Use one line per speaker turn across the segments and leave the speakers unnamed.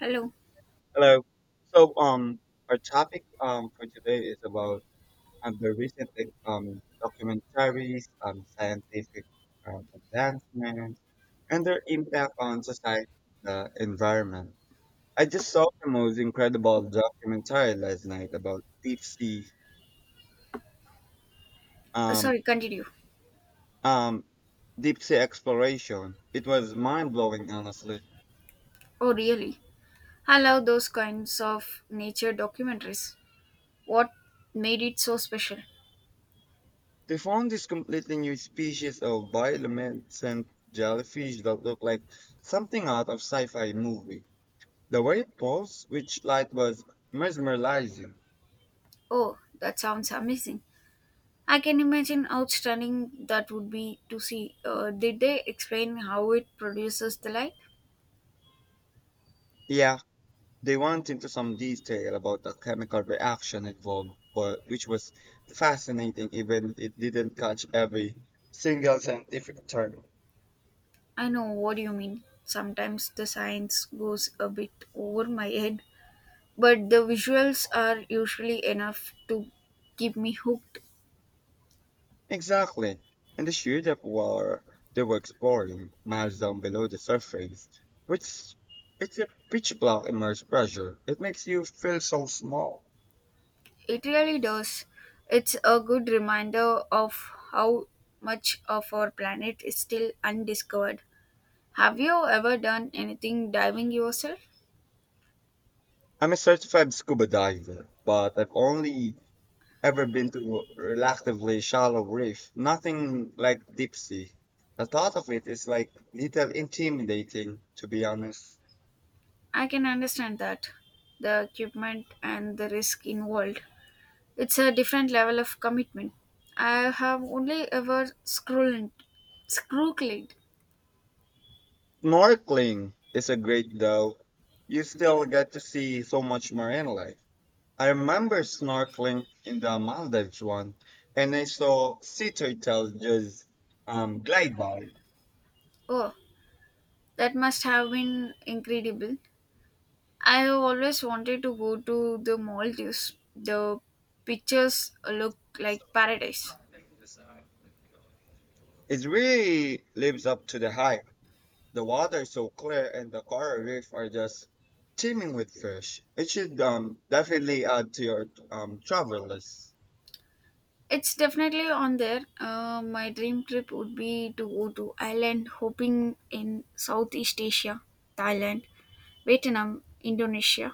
Hello.
Hello. So, um, our topic for today is about the recent documentaries, scientific advancements, and their impact on society, the environment. I just saw the most incredible documentary last night about
Uh,
um,
Sorry, continue.
um, deep sea exploration. It was mind blowing, honestly.
Oh, really? I love those kinds of nature documentaries. What made it so special?
They found this completely new species of bioluminescent jellyfish that looked like something out of sci-fi movie. The way it pulsed, which light was mesmerizing.
Oh, that sounds amazing. I can imagine how stunning that would be to see. Did they explain how it produces the light?
Yeah, they went into some detail about the chemical reaction involved, but which was fascinating even if it didn't catch every single scientific term.
I know what you mean. Sometimes the science goes a bit over my head, but the visuals are usually enough to keep me hooked.
Exactly. And the sheer depth were they were exploring, miles down below the surface, which it's a pitch black immersed pressure. It makes you feel so small.
It really does. It's a good reminder of how much of our planet is still undiscovered. Have you ever done anything diving yourself?
I'm a certified scuba diver, but I've only ever been to a relatively shallow reef, nothing like deep sea. The thought of it is like little intimidating, to be honest.
I can understand that. The equipment and the risk involved. It's a different level of commitment. I have only ever scrolled, screwed.
Snorkeling is a great though. You still get to see so much marine life. I remember snorkeling in the Maldives one, and I saw sea turtles just glide by.
Oh, that must have been incredible. I have always wanted to go to the Maldives. The pictures look like paradise.
It really lives up to the hype. The water is so clear, and the coral reef are just teeming with fish. It should definitely add to your travel list.
It's definitely on there. My dream trip would be to go to island hopping in Southeast Asia, Thailand, Vietnam, Indonesia.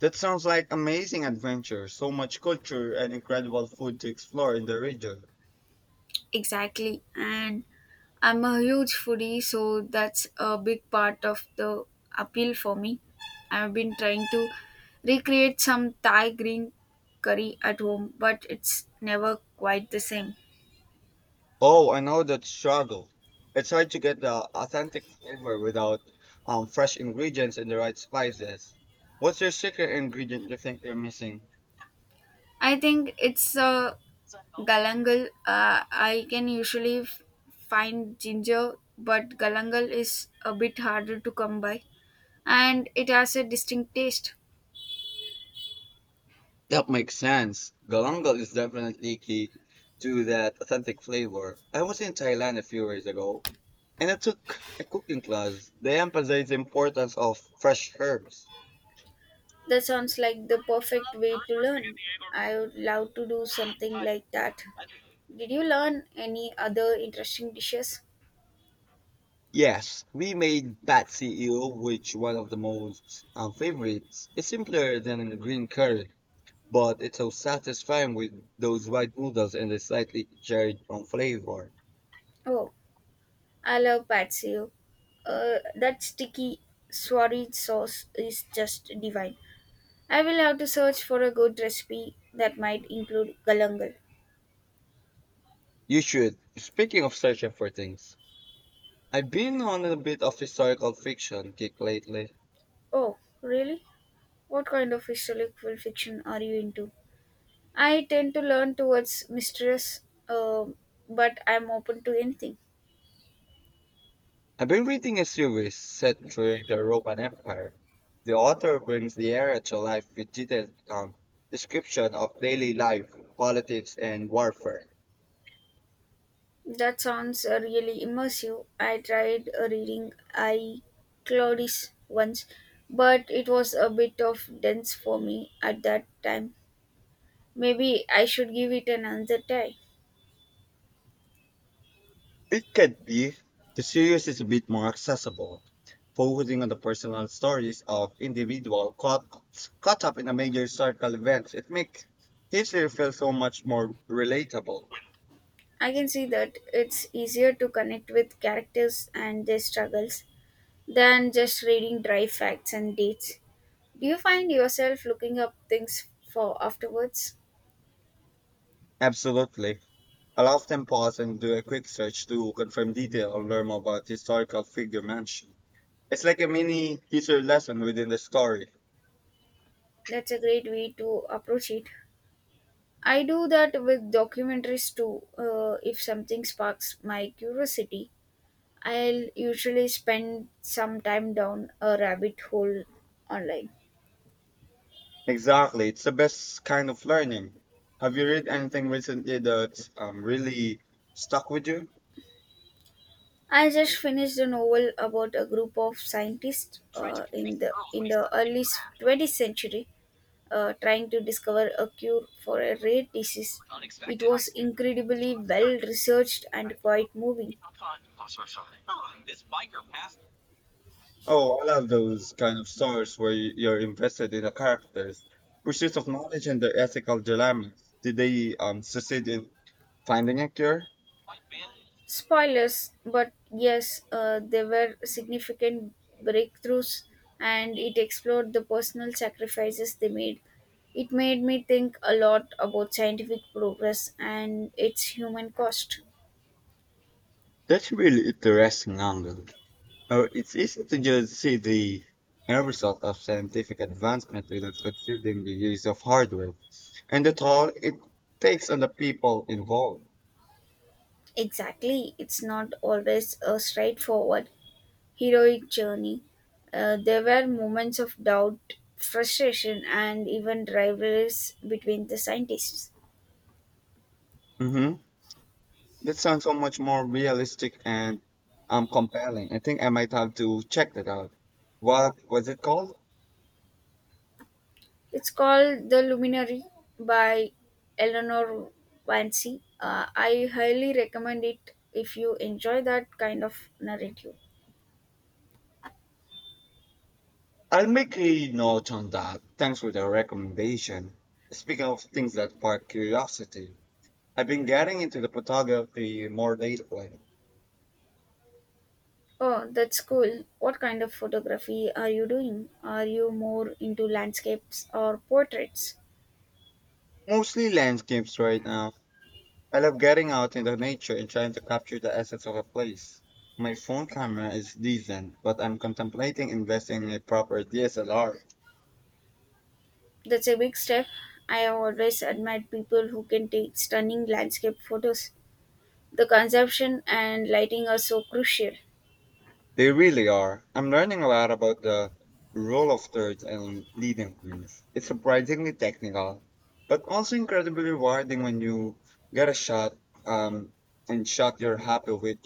That sounds like amazing adventure. So much culture and incredible food to explore in the region.
Exactly. And I'm a huge foodie, so that's a big part of the appeal for me. I've been trying to recreate some Thai green curry at home, but it's never quite the same.
Oh, I know that struggle. I tried to get the authentic flavor without fresh ingredients and the right spices. What's your secret ingredient you think they're missing?
I think it's a galangal. I can usually find ginger, but galangal is a bit harder to come by, and it has a distinct taste.
That makes sense. Galangal is definitely key to that authentic flavor. I was in Thailand a few years ago, and I took a cooking class. They emphasize the importance of fresh herbs.
That sounds like the perfect way to learn. I would love to do something like that. Did you learn any other interesting dishes?
Yes, we made bat CEO, which one of the most favorites. It's simpler than a green curry but it's so satisfying with those white noodles and the slightly cherry on flavor.
Oh, I love patio. That sticky swarry sauce is just divine. I will have to search for a good recipe that might include galangal.
You should. Speaking of searching for things, I've been on a bit of historical fiction kick lately.
Oh, really? What kind of historical fiction are you into? I tend to learn towards mistress, uh, but I'm open to anything.
I've been reading a series set during the Roman Empire. The author brings the era to life with detailed description of daily life, politics, and warfare.
That sounds really immersive. I tried reading I Claudius once, but it was a bit of dense for me at that time. Maybe I should give it another try.
It can be. The series is a bit more accessible, focusing on the personal stories of individuals caught up in a major historical event. It makes history feel so much more relatable.
I can see that it's easier to connect with characters and their struggles than just reading dry facts and dates. Do you find yourself looking up things for afterwards?
Absolutely. I'll often pause and do a quick search to confirm detail or learn more about historical figure mentioned. It's like a mini history lesson within the story.
That's a great way to approach it. I do that with documentaries too. If something sparks my curiosity, I'll usually spend some time down a rabbit hole online.
Exactly. It's the best kind of learning. Have you read anything recently that really stuck with you?
I just finished a novel about a group of scientists in the early 20th century trying to discover a cure for a rare disease. It was incredibly well researched and quite moving.
Oh, I love those kind of stories where you're invested in the characters' pursuit of knowledge and their ethical dilemmas. Did they succeed in finding a cure?
Spoilers, but yes, there were significant breakthroughs and it explored the personal sacrifices they made. It made me think a lot about scientific progress and its human cost.
That's a really interesting angle. It's easy to just see the end result of scientific advancement without considering the use of hardware and the toll it takes on the people involved.
Exactly, it's not always a straightforward, heroic journey. There were moments of doubt, frustration, and even rivalries between the scientists.
Mm-hmm. That sounds so much more realistic and compelling. I think I might have to check that out. What was it called?
It's called The Luminary by Eleanor Vance. I highly recommend it if you enjoy that kind of narrative.
I'll make a note on that. Thanks for the recommendation. Speaking of things that spark curiosity, I've been getting into the photography more lately.
Oh, that's cool. What kind of photography are you doing? Are you more into landscapes or portraits?
Mostly landscapes right now. I love getting out in the nature and trying to capture the essence of a place. My phone camera is decent, but I'm contemplating investing in a proper DSLR.
That's a big step. I have always admired people who can take stunning landscape photos. The conception and lighting are so crucial.
They really are. I'm learning a lot about the role of thirds and leading teams. It's surprisingly technical, but also incredibly rewarding when you get a shot um, and shot you're happy with.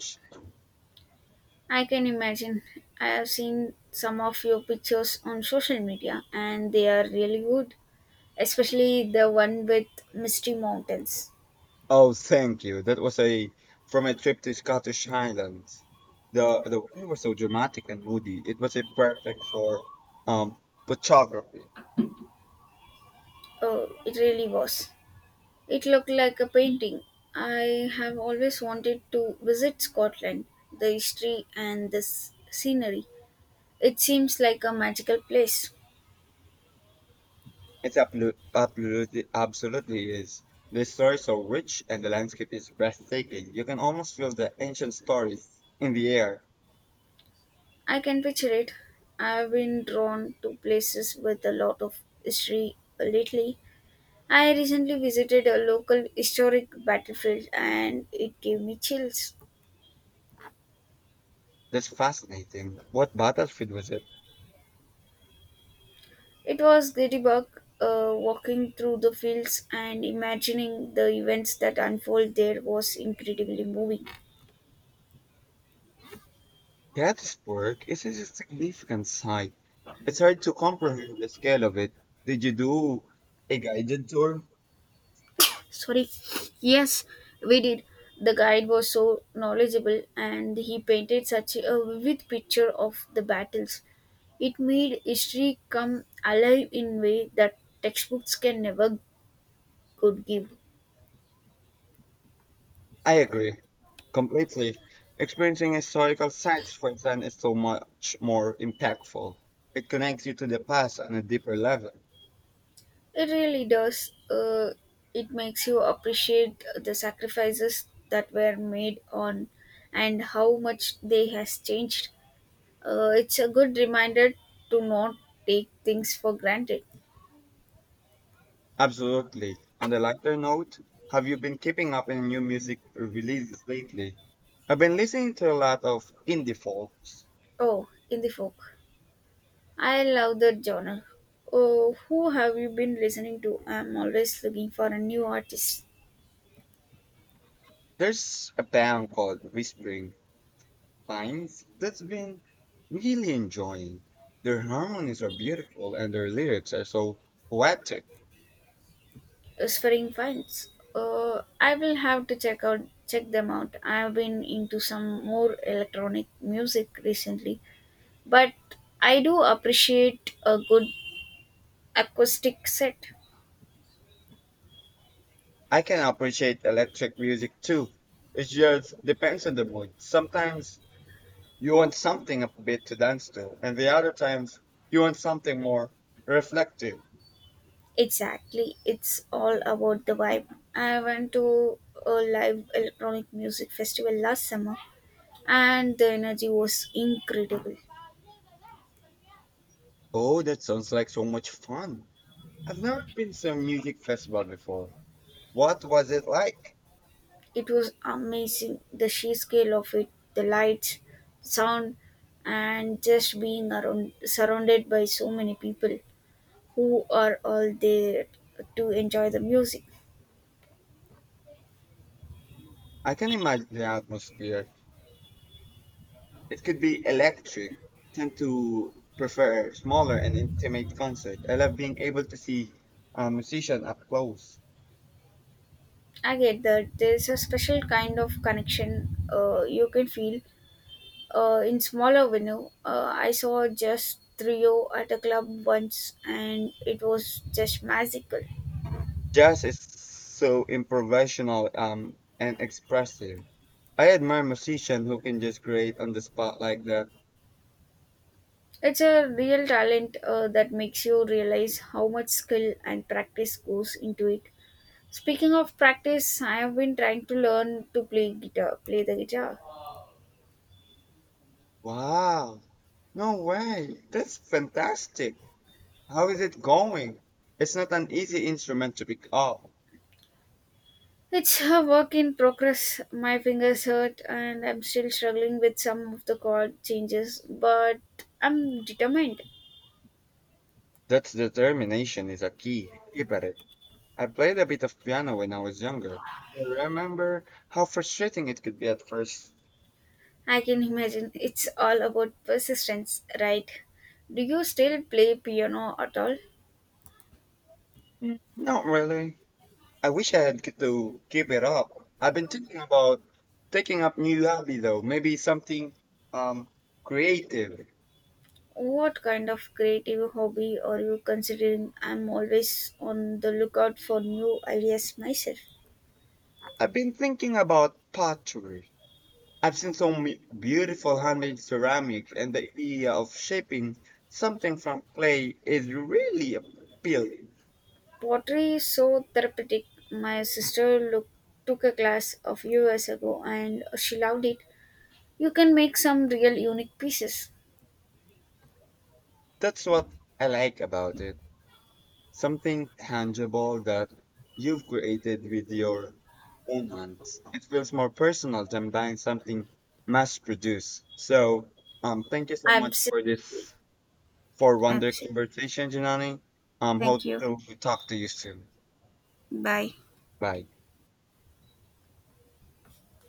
I can imagine. I have seen some of your pictures on social media and they are really good, especially the one with Misty Mountains.
Oh, thank you. That was a from a trip to Scottish Highlands. The weather was so dramatic and moody. It was a perfect for um photography.
Oh, it really was. It looked like a painting. I have always wanted to visit Scotland, the history and the scenery. It seems like a magical place.
It's absolutely is. The stories are rich and the landscape is breathtaking. You can almost feel the ancient stories in the air.
I can picture it. I've been drawn to places with a lot of history lately. I recently visited a local historic battlefield and it gave me chills.
That's fascinating. What battlefield was it?
It was Gettysburg, walking through the fields and imagining the events that unfold there was incredibly moving.
Gettysburg is a significant site. It's hard to comprehend the scale of it. Did you do a guided tour?
Sorry, yes, we did. The guide was so knowledgeable and he painted such a vivid picture of the battles. It made history come alive in way that textbooks can never could give.
I agree. Completely. Experiencing historical sites firsthand is so much more impactful. It connects you to the past on a deeper level.
It really does. It makes you appreciate the sacrifices that were made on and how much they has changed. It's a good reminder to not take things for granted.
Absolutely. On the lighter note, have you been keeping up in new music releases lately? I've been listening to a lot of indie folks.
Oh, in the folk. I love that genre. Oh, who have you been listening to? I'm always looking for a new artist.
There's a band called Whispering Pines that's been really enjoying. Their harmonies are beautiful and their lyrics are so poetic.
Whispering Finds. I will have to check them out. I've been into some more electronic music recently, but I do appreciate a good acoustic set.
I can appreciate electric music too. It just depends on the mood. Sometimes you want something a bit to dance to, and the other times you want something more reflective.
Exactly, it's all about the vibe. I went to a live electronic music festival last summer and the energy was incredible.
Oh, that sounds like so much fun. I've never been to a music festival before. What was it like?
It was amazing the sheer scale of it, the lights, sound, and just being around surrounded by so many people who are all there to enjoy the music.
I can imagine the atmosphere. It could be electric. Tend to prefer smaller and intimate concert. I love being able to see a musician up close.
I get that there's a special kind of connection you can feel in smaller venue. I saw just trio at a club once, and it was just magical.
Jazz is so improvisational and expressive. I admire musicians who can just create on the spot like that.
It's a real talent that makes you realize how much skill and practice goes into it. Speaking of practice, I have been trying to learn to play guitar, play the guitar.
Wow. No way. That's fantastic. How is it going? It's not an easy instrument to pick up.
It's a work in progress. My fingers hurt and I'm still struggling with some of the chord changes, but I'm determined.
That determination is a key. Keep at it. I played a bit of piano when I was younger. I remember how frustrating it could be at first.
I can imagine it's all about persistence, right? Do you still play piano at all?
Not really. I wish I had get to keep it up. I've been thinking about taking up new hobby though. Maybe something um creative.
What kind of creative hobby are you considering? I'm always on the lookout for new ideas myself.
I've been thinking about pottery. I've seen some beautiful handmade ceramics, and the idea of shaping something from clay is really appealing.
Pottery is so therapeutic. My sister took a class a few years ago and she loved it. You can make some real unique pieces.
That's what I like about it. Something tangible that you've created with your own hands. It feels more personal than buying something mass produced. Thank you so much for
Absolutely.
this for wonder
Absolutely.
conversation, Janani.
Thank
Hope
you.
to talk to you soon.
Bye.
Bye.